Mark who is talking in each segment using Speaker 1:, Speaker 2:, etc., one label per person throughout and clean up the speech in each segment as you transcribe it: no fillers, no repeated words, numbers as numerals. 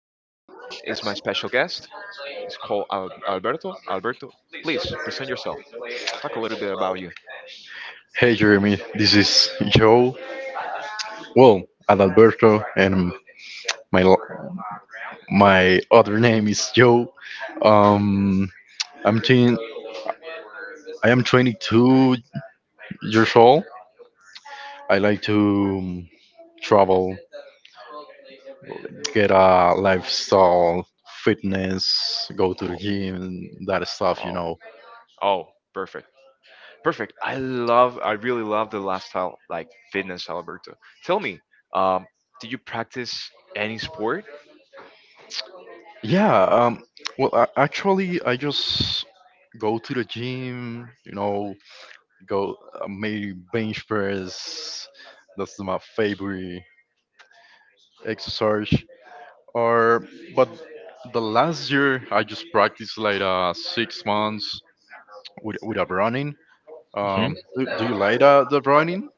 Speaker 1: is my special guest. It's called Alberto. Alberto, please present yourself. Talk a little bit about you.
Speaker 2: Hey Jeremy, this is Joe. Well, Adalberto, and my l- my other name is Joe. Um, I'm teen, I am 22 years old. I like to um, travel, get a lifestyle, fitness, go to the
Speaker 1: Oh,
Speaker 2: gym, that stuff, you
Speaker 1: oh,
Speaker 2: know.
Speaker 1: oh, perfect. Perfect. I really love the lifestyle, like fitness, Alberto. Tell me, um, do you practice any sport?
Speaker 2: Yeah. Well, I, actually, I just go to the gym. You know, go maybe bench press. That's my favorite exercise or but the last year I just practiced like 6 months with a running. Do you like the running?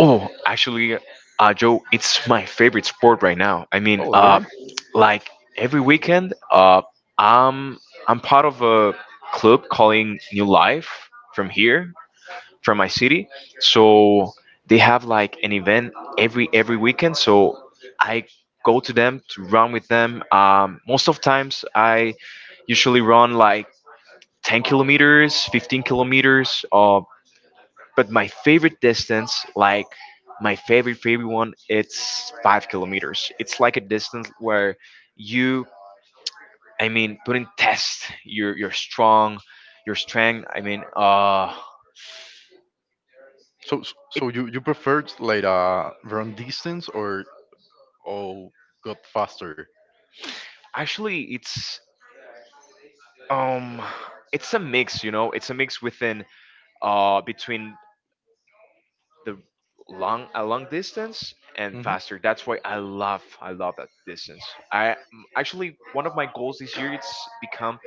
Speaker 1: Oh, actually, Joe, it's my favorite sport right now. I mean,
Speaker 2: Oh really?
Speaker 1: like every weekend, I'm I'm part of a club calling New Life from here, from my city. So they have like an event every weekend. So I go to them to run with them. Most of times, I usually run like 10 kilometers, 15 kilometers. But my favorite distance, like my favorite one, it's 5 kilometers. It's like a distance where you, I mean, put in test your strength. I mean,
Speaker 2: so so
Speaker 1: it
Speaker 2: so you you prefer to, like run distance or oh got faster?
Speaker 1: actually um it's a mix, it's a mix within between the long a long distance and
Speaker 2: Hmm.
Speaker 1: faster. That's why I love that distance. I actually, one of my goals this year, it's become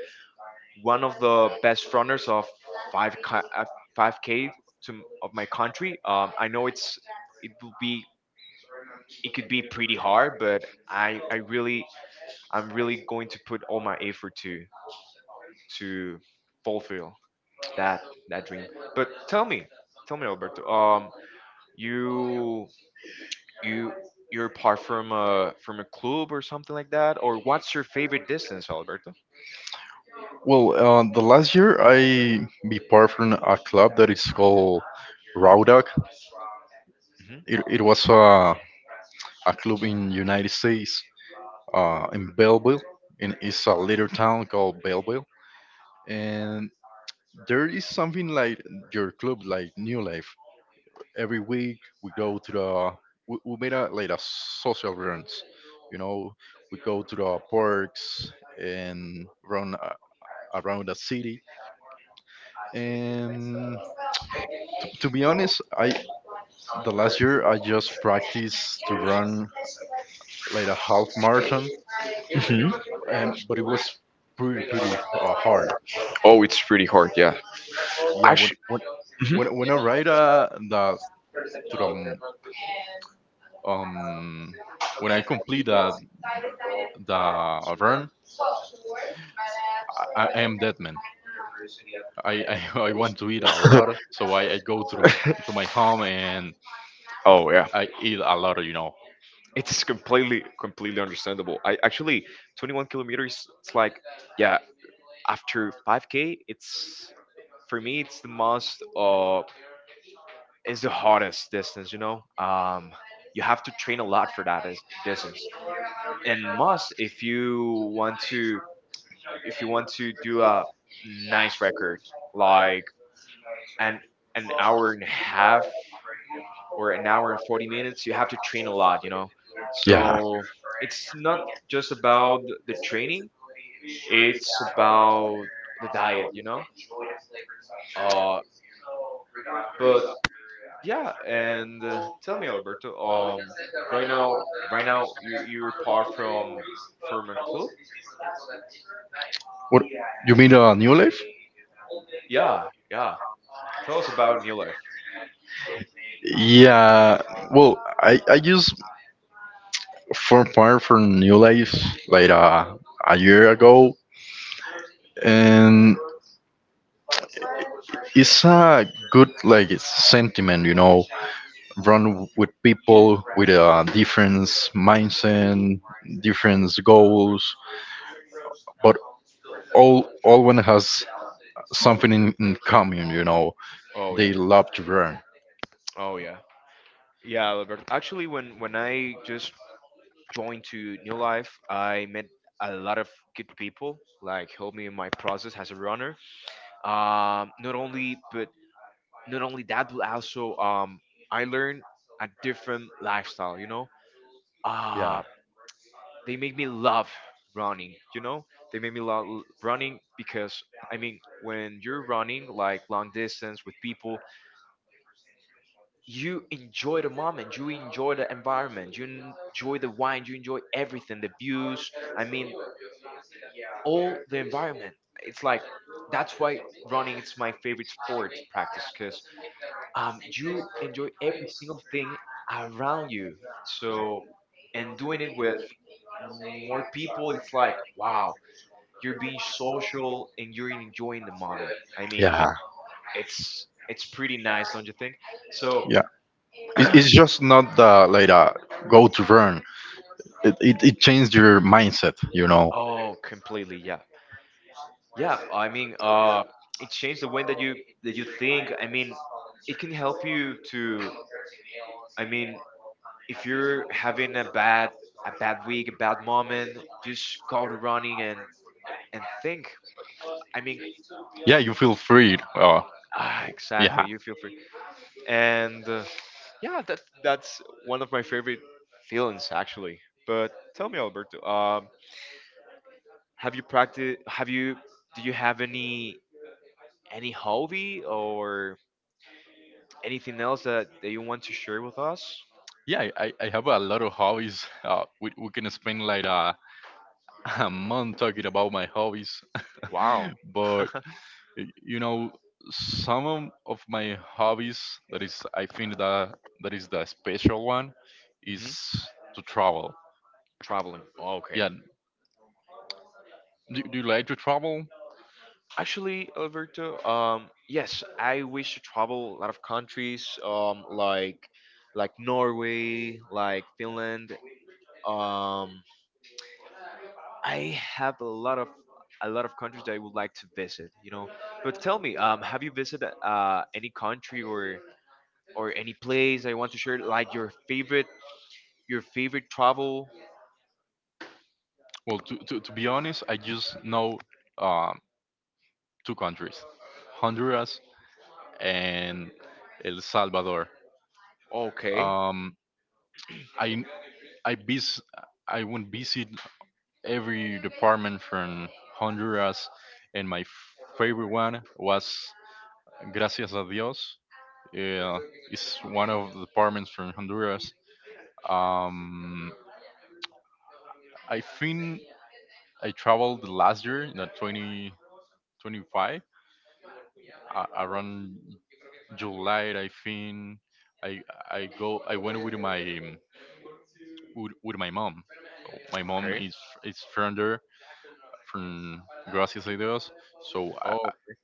Speaker 1: one of the best runners of 5 5K of my country. I know it will be it could be pretty hard, but I'm really going to put all my effort to to fulfill that that dream. But tell me, Alberto, you you you're apart from a club or something like that. Or what's your favorite distance, Alberto?
Speaker 2: Well, the last year I be part from a club that is called Raudag.
Speaker 1: Hmm.
Speaker 2: It was a club in United States, in Belleville. And it's a little town called Belleville. And there is something like your club like New Life. Every week we go to the we made a like a social runs, you know. We go to the parks and around the city. And to be honest, I the last year I just practiced to run like a half marathon.
Speaker 1: Hmm.
Speaker 2: Um, but it was pretty pretty hard.
Speaker 1: Oh, it's pretty hard, yeah.
Speaker 2: Yeah,
Speaker 1: Actually,
Speaker 2: when
Speaker 1: mhm.
Speaker 2: when I ride the to the Um, when I complete the run, I am dead man. I want to eat a lot, so I go to the, to my home and
Speaker 1: Oh yeah,
Speaker 2: I eat a lot, you know.
Speaker 1: it's completely understandable. I actually 21 kilometers. It's like, yeah, after 5K, it's for me, it's the hardest distance. You know, you have to train a lot for that distance. And must if you want to, do a nice record, like an an hour and a half or an hour and 40 minutes, you have to train a lot, you know.
Speaker 2: Yeah.
Speaker 1: So it's not just about the training, it's about the diet, you know. uh but yeah. And tell me, Alberto. Um right now right now you're part from a club.
Speaker 2: What you mean? New Life?
Speaker 1: Yeah, yeah, tell us about New Life.
Speaker 2: Yeah. Well, I just formed part from New Life like a year ago, and it's a good like sentiment, you know, run with people with a different mindset, different goals, but all one has something in common, you know.
Speaker 1: Oh
Speaker 2: They
Speaker 1: yeah.
Speaker 2: love to run.
Speaker 1: Oh yeah. Yeah, Alberto, actually, when I just joined to New Life, I met a lot of good people, like helped me in my process as a runner. Not only, but not only that, but also, I learned a different lifestyle. You know,
Speaker 2: Yeah.
Speaker 1: uh, they make me love running. You know, they make me love running, because I mean, when you're running like long distance with people, you enjoy the moment, you enjoy the environment, you enjoy the wine, you enjoy everything, the views. I mean, all the environment. It's like, that's why running it's my favorite sport to practice, because you enjoy every single thing around you. So, and doing it with more people, it's like, wow, you're being social and you're enjoying the moment. I mean,
Speaker 2: Yeah.
Speaker 1: it's pretty nice, don't you think? So,
Speaker 2: Yeah, It, it's just not the like a go to run. It it changed your mindset, you know.
Speaker 1: oh, completely, yeah, yeah. I mean, it changed the way that you think. I mean, it can help you to. I mean, if you're having a bad, week, a bad moment, just go to running and think. I mean,
Speaker 2: Yeah, you feel free.
Speaker 1: ah,
Speaker 2: Yeah,
Speaker 1: exactly. You feel free. And yeah, that's one of my favorite feelings, actually. But tell me, Alberto, have you practiced? Have you do you have any hobby or anything else that you want to share with us?
Speaker 2: yeah. I have a lot of hobbies. We can spend like a, a month talking about my hobbies,
Speaker 1: Wow.
Speaker 2: but you know, some of my hobbies that is I think that that is the special one is
Speaker 1: Hmm.
Speaker 2: to travel.
Speaker 1: Traveling. Okay.
Speaker 2: Yeah. Do you like to travel?
Speaker 1: Actually, Alberto, yes, I wish to travel a lot of countries, like Norway, like Finland. Um, I have a lot of, countries that I would like to visit, you know. But tell me, Have you visited, any country or any place I want to share, like your favorite travel?
Speaker 2: Well, to be honest, I just know um, two countries, Honduras and El Salvador.
Speaker 1: Okay,
Speaker 2: Um, I I vis- I went visit every department from Honduras, and my favorite one was Gracias a Dios. Yeah, it's one of the departments from Honduras. Um, I think I traveled last year in the 2025 around July, I think. I I go. I went with my with my mom. So my mom
Speaker 1: okay.
Speaker 2: is from there, from Gracias a Dios. So
Speaker 1: Oh, okay.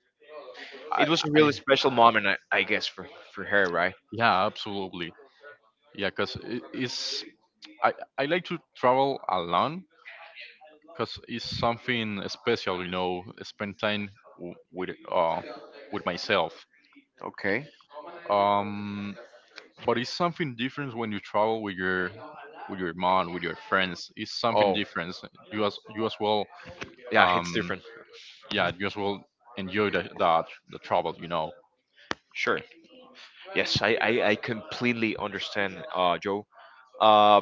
Speaker 2: I,
Speaker 1: It was a
Speaker 2: I
Speaker 1: really special moment, I guess, for her, right?
Speaker 2: Yeah, absolutely. Yeah, cause it's I like to travel alone, cause it's something special. You know, spend time w- with uh with myself.
Speaker 1: Okay.
Speaker 2: Um, but it's something different when you travel with your mom with your friends, it's something
Speaker 1: Oh,
Speaker 2: different, you as well.
Speaker 1: yeah, it's
Speaker 2: Um,
Speaker 1: different. Mhm.
Speaker 2: yeah, you as well enjoy the travel, you know.
Speaker 1: Sure. Yes, I completely understand, Joe. Uh,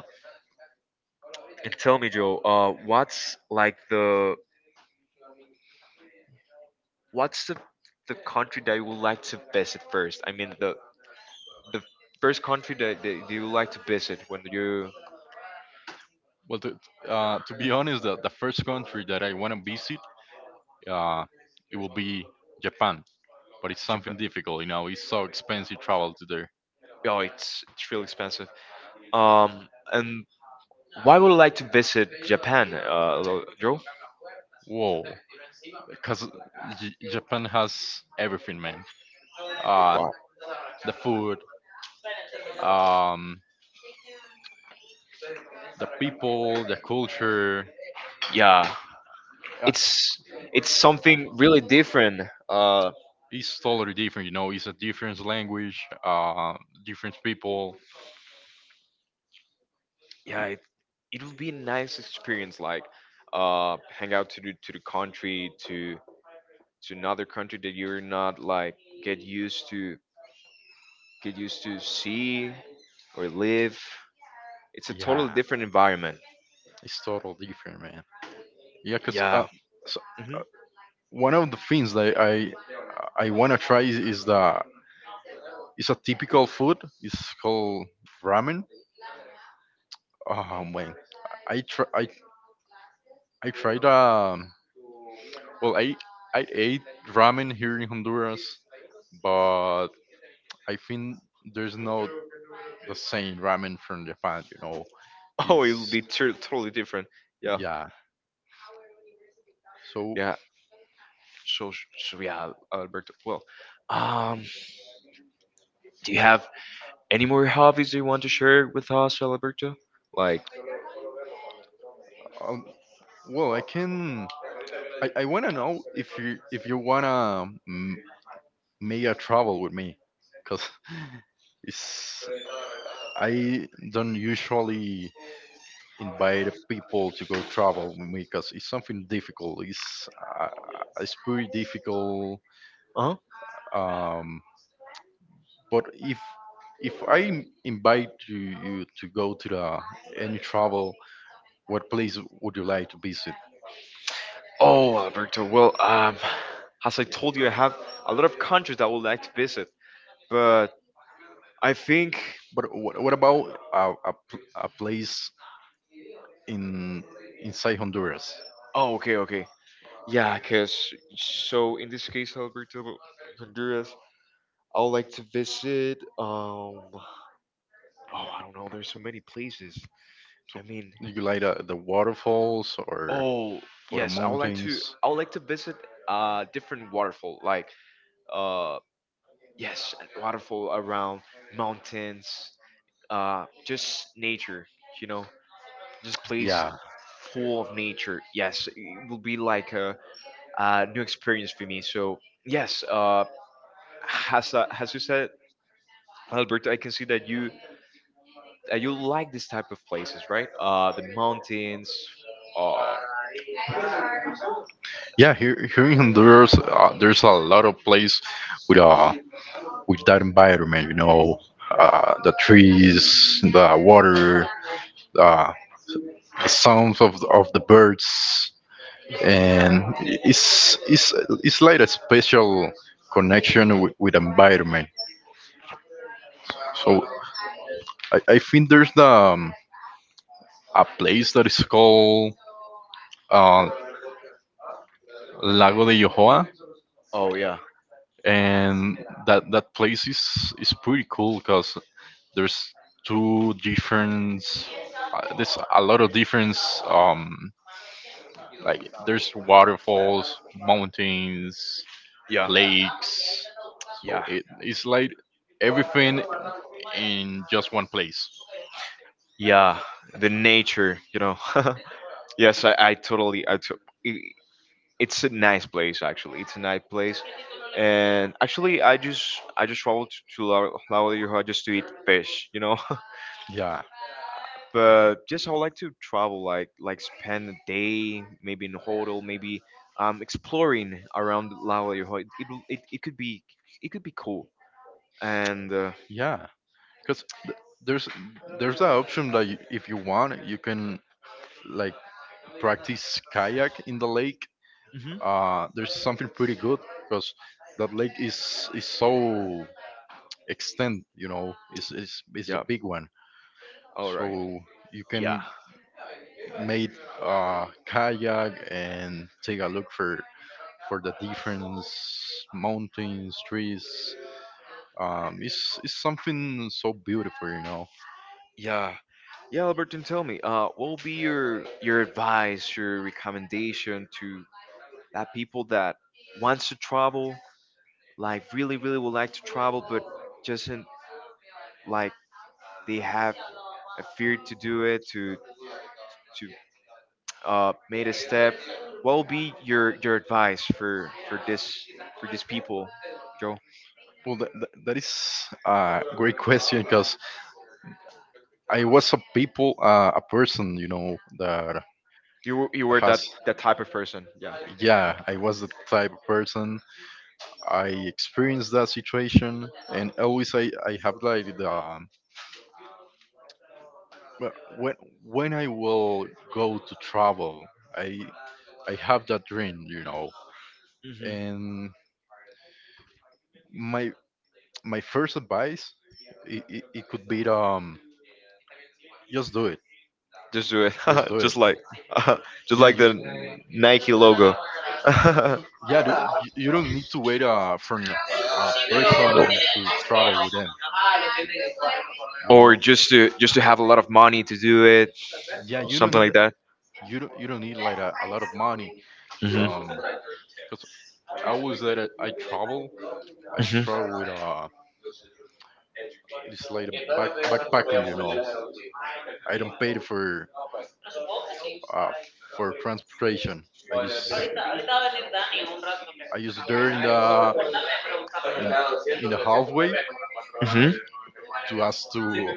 Speaker 1: and tell me, Joe, what's the country that you would like to visit first? I mean, the first country that you would like to visit when you.
Speaker 2: Well, to be honest, the first country that I want to visit uh it will be Japan, but it's
Speaker 1: Japan.
Speaker 2: something difficult, you know. It's so expensive travel to there.
Speaker 1: Oh, it's real expensive. Um, and why would you like to visit Japan, Joe?
Speaker 2: Whoa, because Japan has everything, man. uh
Speaker 1: Wow.
Speaker 2: the food, um the people, the culture.
Speaker 1: Yeah,
Speaker 2: Uh,
Speaker 1: it's it's something really different. Uh,
Speaker 2: it's totally different. You know, it's a different language, different people. It-
Speaker 1: yeah, it would be a nice experience, like hang out to the, country to, another country that you're not like get used to, see or live. It's a totally
Speaker 2: yeah,
Speaker 1: different environment.
Speaker 2: it's totally different, man. Yeah, cause
Speaker 1: Yeah.
Speaker 2: so,
Speaker 1: Hmm.
Speaker 2: uh, one of the things that I wanna try is the it's a typical food. It's called ramen. Oh man, I try I I tried well I ate ramen here in Honduras, but I think there's no the same ramen from Japan. You know,
Speaker 1: Oh, it'll
Speaker 2: is
Speaker 1: be tur totally different, yeah.
Speaker 2: yeah. So,
Speaker 1: Yeah, so so yeah, Alberto, well, um do you have any more hobbies you want to share with us, Alberto, like
Speaker 2: um, well, I can. I want to know if you wanna make a travel with me, cause it's I don't usually invite people to go travel with me, cause it's something difficult. Uh, it's pretty difficult.
Speaker 1: uh
Speaker 2: Um, but if I invite you, you to go to the any travel, what place would you like to visit?
Speaker 1: Oh, Alberto. Well, as I told you, I have a lot of countries that I would like to visit, but I think.
Speaker 2: But what about a place in inside Honduras.
Speaker 1: Oh, okay, okay. Yeah, because so in this case, Alberto, Honduras, I would like to visit. Oh, I don't know. There's so many places.
Speaker 2: So
Speaker 1: I mean,
Speaker 2: you like the waterfalls
Speaker 1: oh,
Speaker 2: or the
Speaker 1: yes, I would like to.
Speaker 2: mountains?
Speaker 1: I would like to visit a different waterfall, like, uh, yes, a waterfall around mountains, just nature, you know. Just place
Speaker 2: Yeah,
Speaker 1: full of nature. Yes, it will be like a new experience for me. So yes, as you said, Alberto, I can see that you you like this type of places, right? The mountains. Uh,
Speaker 2: yeah. Here here in Honduras, there's a lot of place with uh with that environment. You know, the trees, the water, uh, the sounds of the birds, and it's like a special connection with environment. So I think there's the a place that is called uh, Lago de Yohoa,
Speaker 1: oh yeah,
Speaker 2: and that that place is pretty cool because there's two different there's a lot of difference, like there's waterfalls, mountains,
Speaker 1: yeah,
Speaker 2: lakes,
Speaker 1: yeah,
Speaker 2: so it's like everything in just one place.
Speaker 1: yeah. The nature, you know. Yes, I totally, I to- I- it's a nice place, actually. It's a nice place, and actually I just traveled to La, Lauderdale, just to eat fish, you know.
Speaker 2: Yeah,
Speaker 1: But just I would like to travel, like, spend a day, maybe in a hotel, maybe exploring around La Lauderdale. It could be cool. And
Speaker 2: yeah, because there's the option that you, if you want you can like practice kayak in the lake.
Speaker 1: mhm,
Speaker 2: Uh, there's something pretty good because that lake is so extent, you know. Is a
Speaker 1: yeah,
Speaker 2: big one.
Speaker 1: all right,
Speaker 2: So you
Speaker 1: yeah.
Speaker 2: can make kayak and take a look for the different mountains, trees. It's something so beautiful, you know.
Speaker 1: Yeah, yeah, Albertine, tell me, what will be your, advice, your recommendation to, people that wants to travel, like really, really would like to travel, but doesn't, like, they have a fear to do it, to, to made a step. What will be your, advice for this for these people, Joe?
Speaker 2: Well that is a great question, because I was a people a person, you know, that
Speaker 1: You were
Speaker 2: has
Speaker 1: that type of person. Yeah.
Speaker 2: yeah I was the type of person. I experienced that situation, and always I have like the well, when when I will go to travel, I I have that dream, you know.
Speaker 1: Hmm.
Speaker 2: And my my first advice, it could be just do it,
Speaker 1: Just do it.
Speaker 2: just do
Speaker 1: Just
Speaker 2: it.
Speaker 1: like just
Speaker 2: Yeah,
Speaker 1: like
Speaker 2: you
Speaker 1: the Nike logo.
Speaker 2: yeah do, you don't need to wait for a person to travel with them, you
Speaker 1: Or
Speaker 2: know.
Speaker 1: just to, have a lot of money to do it,
Speaker 2: Yeah,
Speaker 1: something like that.
Speaker 2: you don't need like a lot of money. Um, because I always that I travel. I just struggle with it's like backpacking, you know. I don't pay uh for transportation. I just I just there in the in in the halfway to ask to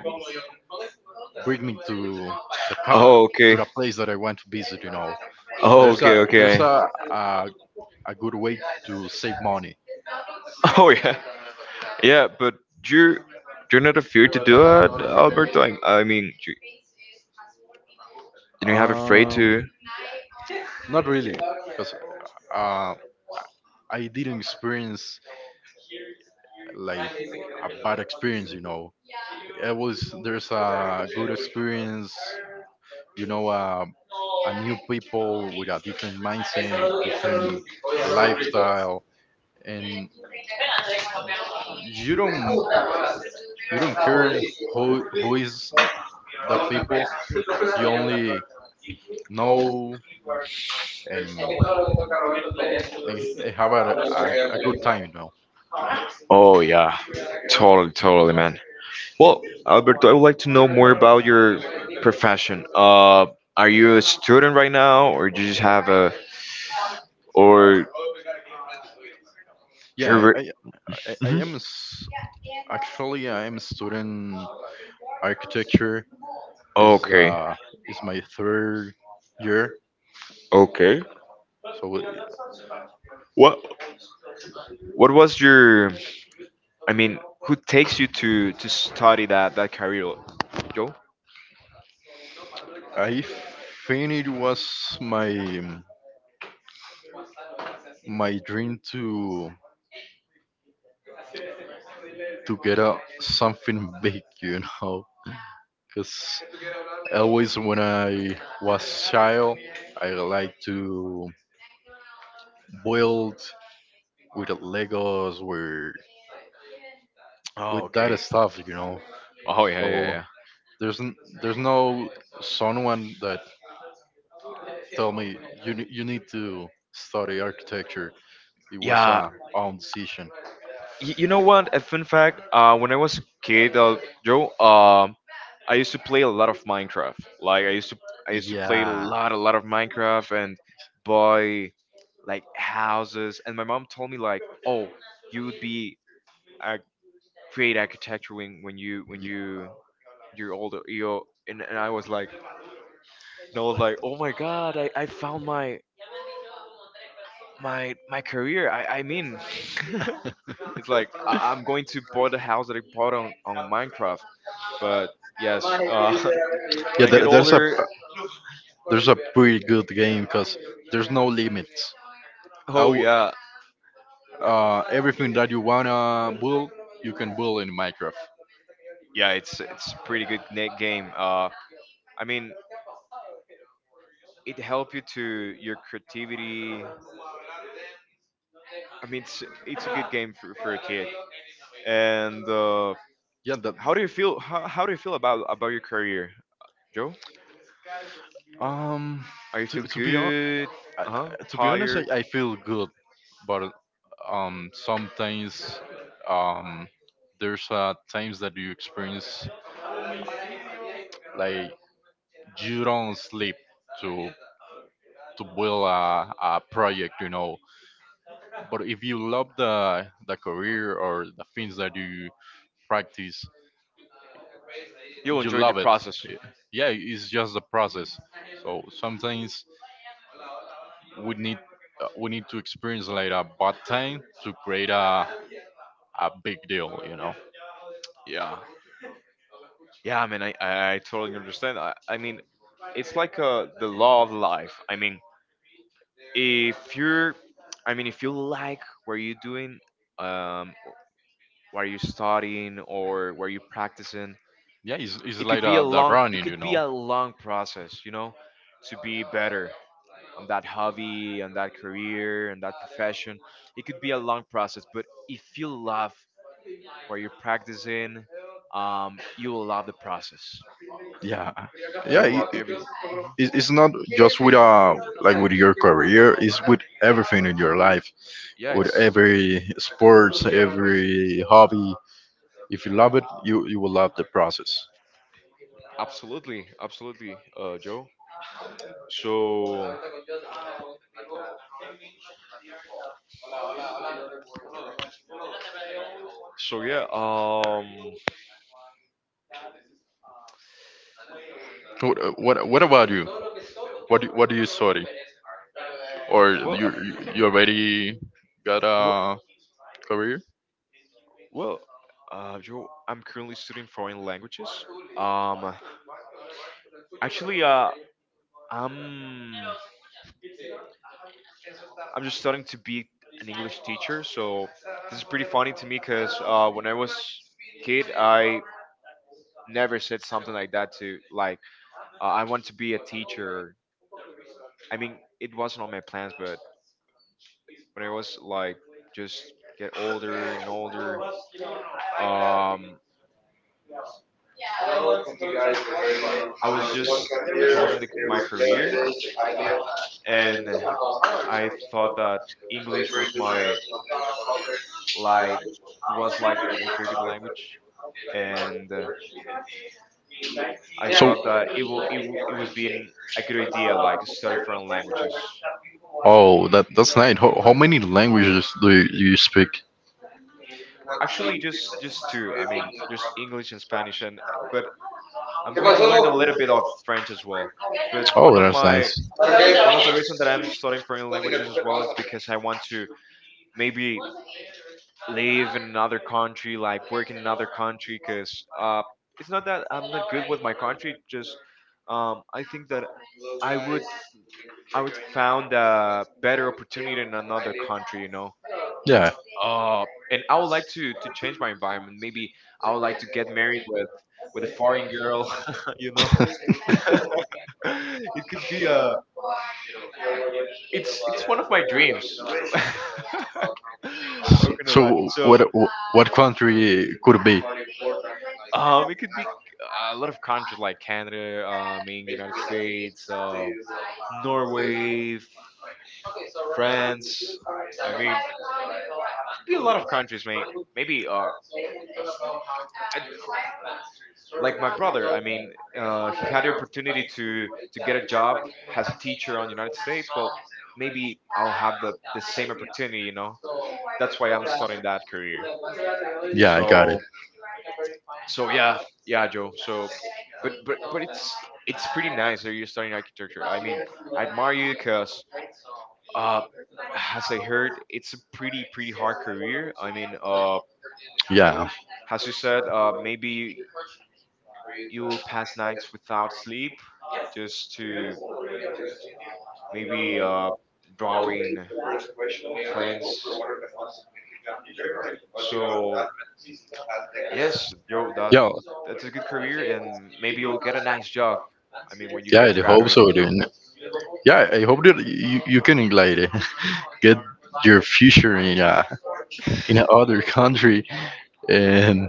Speaker 2: bring me to the
Speaker 1: Oh,
Speaker 2: to
Speaker 1: okay.
Speaker 2: the place that I want to visit, you know.
Speaker 1: Oh,
Speaker 2: There's
Speaker 1: okay, okay.
Speaker 2: a good way to save money.
Speaker 1: Oh, yeah. Yeah, but you're you're not afraid to do it, Alberto. I mean, you have afraid
Speaker 2: Um,
Speaker 1: to.
Speaker 2: not really, because uh, I didn't experience like a bad experience, you know. It was there's a good experience. You know, a new people with a different mindset, different lifestyle, and you don't you don't care who is the people. You only know and, and have a good time, you know.
Speaker 1: Oh yeah, totally, totally, man. Well, Alberto, I would like to know more about your profession. Are you a student right now, or do you just have a? or your
Speaker 2: Yeah,
Speaker 1: re-
Speaker 2: I
Speaker 1: Mhm.
Speaker 2: am actually I am student architecture is
Speaker 1: Okay,
Speaker 2: uh is my third year,
Speaker 1: okay.
Speaker 2: so.
Speaker 1: What what was your, I mean, who takes you to study that career, Joe?
Speaker 2: I think it was my dream to get a something big, you know. Because always when I was child, I like to build with Legos,
Speaker 1: Oh,
Speaker 2: with that
Speaker 1: okay.
Speaker 2: stuff, you know.
Speaker 1: Oh yeah, yeah,
Speaker 2: So
Speaker 1: yeah,
Speaker 2: there's n- there's no someone that tell me you need to study architecture. It was
Speaker 1: yeah.
Speaker 2: a own decision.
Speaker 1: You know what, a fun fact, when I was a kid, Joe, I used to play a lot of Minecraft. Like, I used to play
Speaker 2: Yeah.
Speaker 1: a lot of Minecraft and buy like houses. And my mom told me, like, oh, you would be a create architecture when,
Speaker 2: Y-
Speaker 1: you're older, you. And, I was like, oh my god, I found my, my career, I mean. It's like, I'm going to buy the house that I bought on Minecraft. But yes, when
Speaker 2: Yeah,
Speaker 1: I get
Speaker 2: there,
Speaker 1: older.
Speaker 2: there's a pretty good game because there's no limits. I
Speaker 1: Oh
Speaker 2: w-
Speaker 1: yeah,
Speaker 2: everything that you wanna build, you can build in Minecraft.
Speaker 1: yeah, it's pretty good game, I mean. It help you to your creativity. I mean, it's a good game for a kid. And uh,
Speaker 2: Yeah, that
Speaker 1: how do you feel? How do you feel about your career, Joe?
Speaker 2: um
Speaker 1: Are you feel
Speaker 2: to be
Speaker 1: good? Uh huh.
Speaker 2: to be honest,
Speaker 1: Tired?
Speaker 2: I feel good, but sometimes um there's times that you experience like you don't sleep to to build a project, you know. But if you love the career or the things that you practice,
Speaker 1: You'll
Speaker 2: you
Speaker 1: enjoy the
Speaker 2: love it.
Speaker 1: process.
Speaker 2: Yeah, it's just the process. So sometimes we need we need to experience like a bad time to create a big deal, you know.
Speaker 1: Yeah. Yeah, I mean, I totally understand. I mean, it's like the law of life. I mean, if you're, if you like what you're doing, um what you're studying or what you're practicing.
Speaker 2: Yeah, it's
Speaker 1: It could
Speaker 2: like
Speaker 1: be a
Speaker 2: the
Speaker 1: long it
Speaker 2: running, you
Speaker 1: could be
Speaker 2: know.
Speaker 1: a long process, you know, to be better on that hobby, on that career, and that profession. It could be a long process, but if you love what you're practicing, you will love the process.
Speaker 2: Yeah,
Speaker 1: You
Speaker 2: yeah.
Speaker 1: will love everything. Mhm.
Speaker 2: It's not just with like with your career. It's with everything in your life.
Speaker 1: Yeah,
Speaker 2: With
Speaker 1: it's
Speaker 2: every sports, every hobby. If you love it, you will love the process.
Speaker 1: absolutely, absolutely, Joe. So, so yeah,
Speaker 2: What, what about you? What do you study? Or
Speaker 1: well,
Speaker 2: you already got
Speaker 1: well,
Speaker 2: a career?
Speaker 1: well, Joe, I'm currently studying foreign languages. Um, actually, I'm I'm just starting to be an English teacher, so this is pretty funny to me because when I was kid, I never said something like that to I want to be a teacher. I mean, it wasn't on my plans, but when I was like just get older and older, um, I was just chosen the, my career and I thought that English was my like was like my favorite language, and I
Speaker 2: So
Speaker 1: thought that it will it, w- it was being a good idea like study foreign languages.
Speaker 2: oh that that's nice. How many languages do you speak?
Speaker 1: Actually, just two. I mean, just English and Spanish, and but I'm going to learn a little bit of French as well. But
Speaker 2: Oh, that's nice.
Speaker 1: one of the reasons that I'm studying foreign languages as well is because I want to maybe live in another country, like work in another country, because it's not that I'm not good with my country. Just I think that I would I would found a better opportunity in another country, you know.
Speaker 2: Yeah.
Speaker 1: And I would like to change my environment. Maybe I would like to get married with a foreign girl, you know. It could be a it's one of my dreams. How can I lie?
Speaker 2: So
Speaker 1: So
Speaker 2: what what country could be?
Speaker 1: It could be a lot of countries like Canada, I mean United States, Norway, France. I mean, could be a lot of countries, mate. Maybe I, like my brother. I mean, he had the opportunity to get a job as a teacher on United States. Well, maybe I'll have the same opportunity, you know. That's why I'm starting that career.
Speaker 2: Yeah, I got it.
Speaker 1: So So yeah, yeah, Joe. So, but it's pretty nice that you're studying architecture. I mean, I admire you because uh, as I heard, it's a pretty hard career. I mean,
Speaker 2: Yeah,
Speaker 1: as you said, maybe you will pass nights without sleep just to maybe drawing plans. So yes, Joe,
Speaker 2: yeah,
Speaker 1: that's a good career, and maybe you'll get a nice job. I mean, when you
Speaker 2: yeah.
Speaker 1: get
Speaker 2: I hope
Speaker 1: graduated,
Speaker 2: so,
Speaker 1: you
Speaker 2: dude. Yeah, I hope that you can like get your future
Speaker 1: know.
Speaker 2: in a other country. And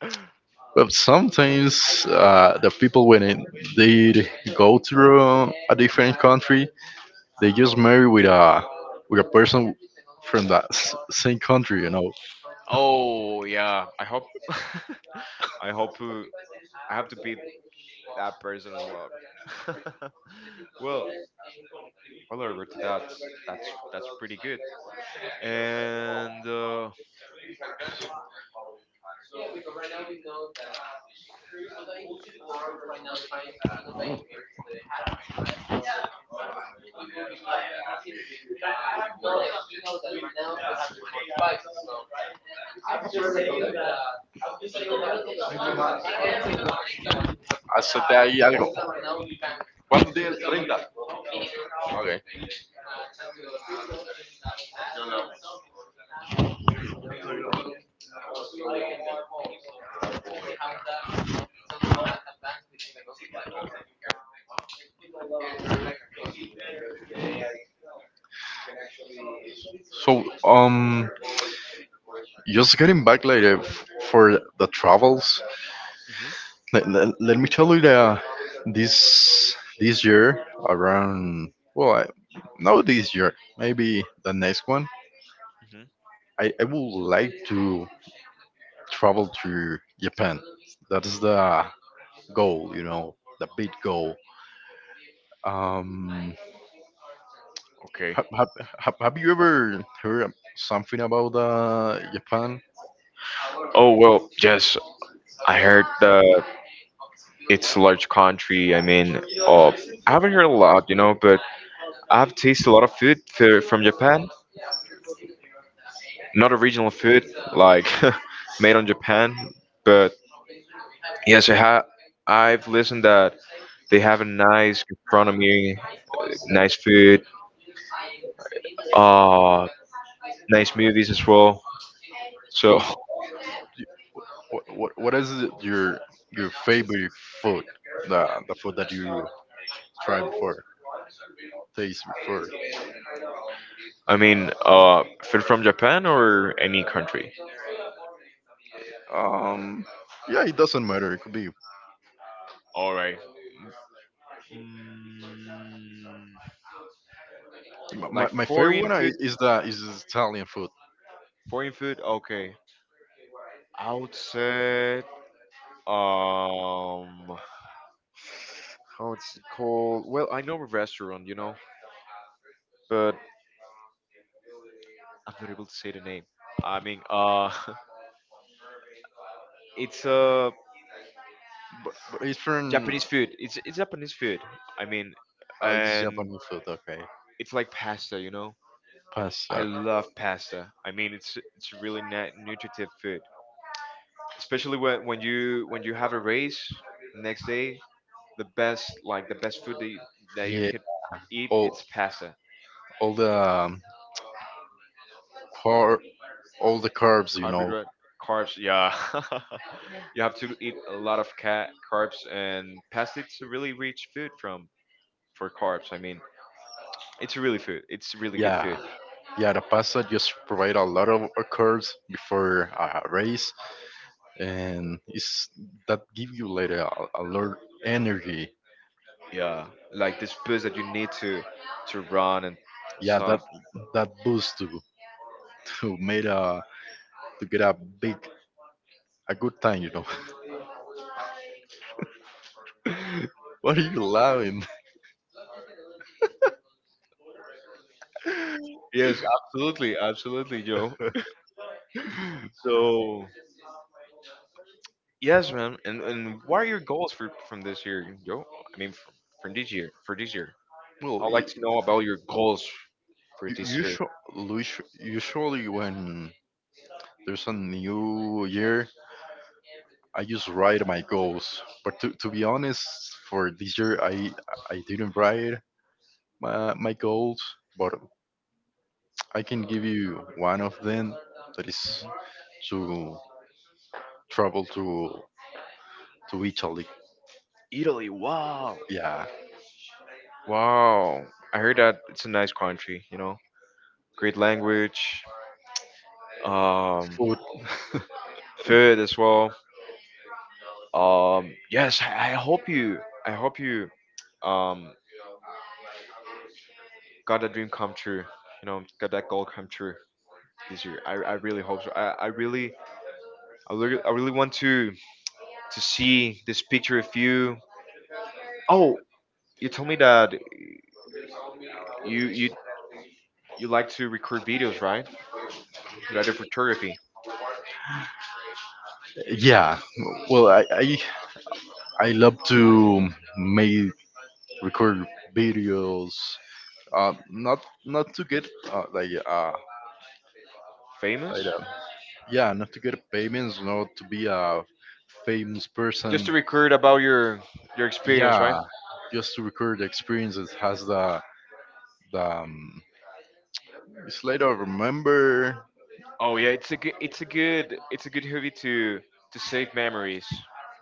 Speaker 2: but sometimes the people when they go through a different country, they just marry with a person from that same country, you know.
Speaker 1: Oh yeah, I hope I hope who I have to beat that person as well. well, well, Roberto, that's pretty good. And
Speaker 2: Hace de ahí algo. ¿Cuántos días? 30. Okay. So, just getting back like for the travels.
Speaker 1: hmm
Speaker 2: Let me tell you that this year around well, not this year, maybe the next one.
Speaker 1: hmm
Speaker 2: I would like to travel to Japan. That is the goal, you know, the big goal. Um,
Speaker 1: okay.
Speaker 2: have, have you ever heard something about Japan?
Speaker 1: Oh well, yes, I heard that it's a large country. I mean, uh, I haven't heard a lot, you know, but I've tasted a lot of food from Japan. Not original food, like made on Japan, but yes, I have. I've listened that they have a nice gastronomy, nice food, uh, nice movies as well. So,
Speaker 2: So what, what is it your favorite food? The food that you try before, taste before.
Speaker 1: I mean, food from Japan or any country?
Speaker 2: Um, yeah, it doesn't matter. It could be
Speaker 1: All right. Mm, like
Speaker 2: my favorite
Speaker 1: foreign
Speaker 2: one
Speaker 1: food?
Speaker 2: is the is Italian food,
Speaker 1: Foreign food? Okay. I would say, um, how it's called? Well, I know a restaurant, you know, but I'm not able to say the name. I mean, it's a
Speaker 2: but it's from
Speaker 1: Japanese food. It's Japanese food. I mean,
Speaker 2: oh, it's
Speaker 1: and
Speaker 2: Japanese food. Okay,
Speaker 1: it's like pasta, you know. I
Speaker 2: pasta.
Speaker 1: love pasta. I mean, it's really nutritive food, especially when you when you have a race the next day. The best like the best food that you
Speaker 2: Yeah,
Speaker 1: could eat
Speaker 2: all
Speaker 1: it's pasta.
Speaker 2: all the car, all the carbs, you know.
Speaker 1: Carbohydrate, carbs. Yeah, you have to eat a lot of carbs and pasta. It's a really rich food from for carbs. I mean, it's really food. It's really good
Speaker 2: Yeah,
Speaker 1: food.
Speaker 2: yeah. The pasta just provide a lot of carbs before a race. And it's that give you later a lot energy.
Speaker 1: Yeah, like this boost that you need to run and
Speaker 2: Yeah, that
Speaker 1: stuff.
Speaker 2: that boost to made a to get a big a good time, you know. what are you laughing?
Speaker 1: Yes, absolutely, absolutely, Joe. So yes, man. And what are your goals for from this year, Joe? I mean, from this year, for this year.
Speaker 2: well
Speaker 1: I'd like to know about your goals for this year.
Speaker 2: usually, usually when there's a new year I just write my goals, but to be honest for this year I didn't write my goals, but I can give you one of them that is
Speaker 1: Mhm.
Speaker 2: to travel to Italy.
Speaker 1: Italy, wow,
Speaker 2: Yeah,
Speaker 1: wow. I heard that it's a nice country. You know, great language, um,
Speaker 2: food.
Speaker 1: food as well. Yes, I hope you. I hope you. Um, got that dream come true. You know, got that goal come true this year. I really hope so. I really, I really, I really want to see this picture of you. Oh, you told me that you you you like to record videos, right? Right, of photography.
Speaker 2: yeah, well, I love to make record videos. Not not to get
Speaker 1: Famous?
Speaker 2: like yeah, not to get payments, not to be a famous
Speaker 1: Just
Speaker 2: person.
Speaker 1: to record about your experience, right?
Speaker 2: Yeah, just to record the experiences has the it's later remember.
Speaker 1: Oh yeah, it's a good, it's a good, it's a good hobby to save memories.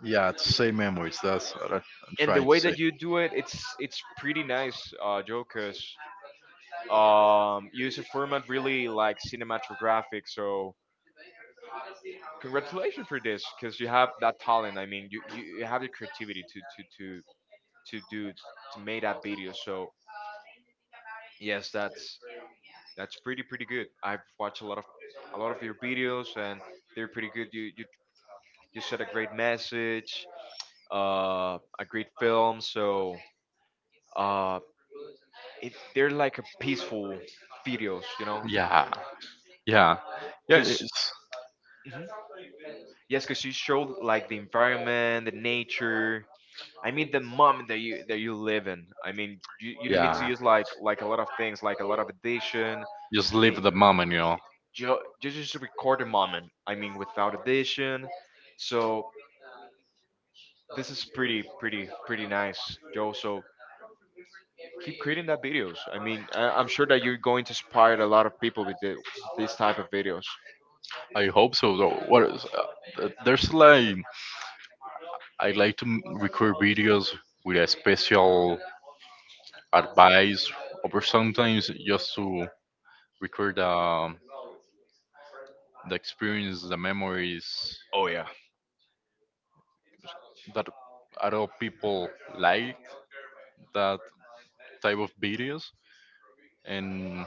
Speaker 2: Yeah, it's same memories. That's what I'm
Speaker 1: And the
Speaker 2: trying to
Speaker 1: way
Speaker 2: say.
Speaker 1: that you do it, it's pretty nice, Joe, 'cause, you use a format really like cinematographic. So congratulations for this, because you have that talent. I mean, you have the creativity to do to make that video. So yes, that's pretty good. I've watched a lot of your videos, and they're pretty good. You said a great message, a great film. So. Uh, it, they're like a peaceful videos, you know,
Speaker 2: Yeah, yeah, yeah.
Speaker 1: because
Speaker 2: It's
Speaker 1: yes, because you show like the environment, the nature. I mean, the moment that you live in. I mean, you don't need
Speaker 2: yeah.
Speaker 1: to use like a lot of things, like a lot of addition.
Speaker 2: Just live
Speaker 1: May
Speaker 2: the moment, you know.
Speaker 1: just record a moment. I mean, without addition. So this is pretty nice, Joe. So keep creating that videos. I mean, I, I'm sure that you're going to inspire a lot of people with the, these type of videos.
Speaker 2: I hope so. Though. What is there's like I like to record videos with a special advice, or sometimes just to record the experience, the memories,
Speaker 1: Oh yeah.
Speaker 2: that other people like that type of videos. And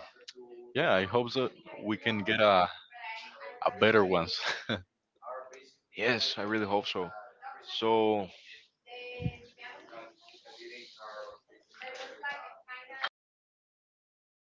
Speaker 2: yeah I hope that we can get a better ones
Speaker 1: Yes, I really hope so. So,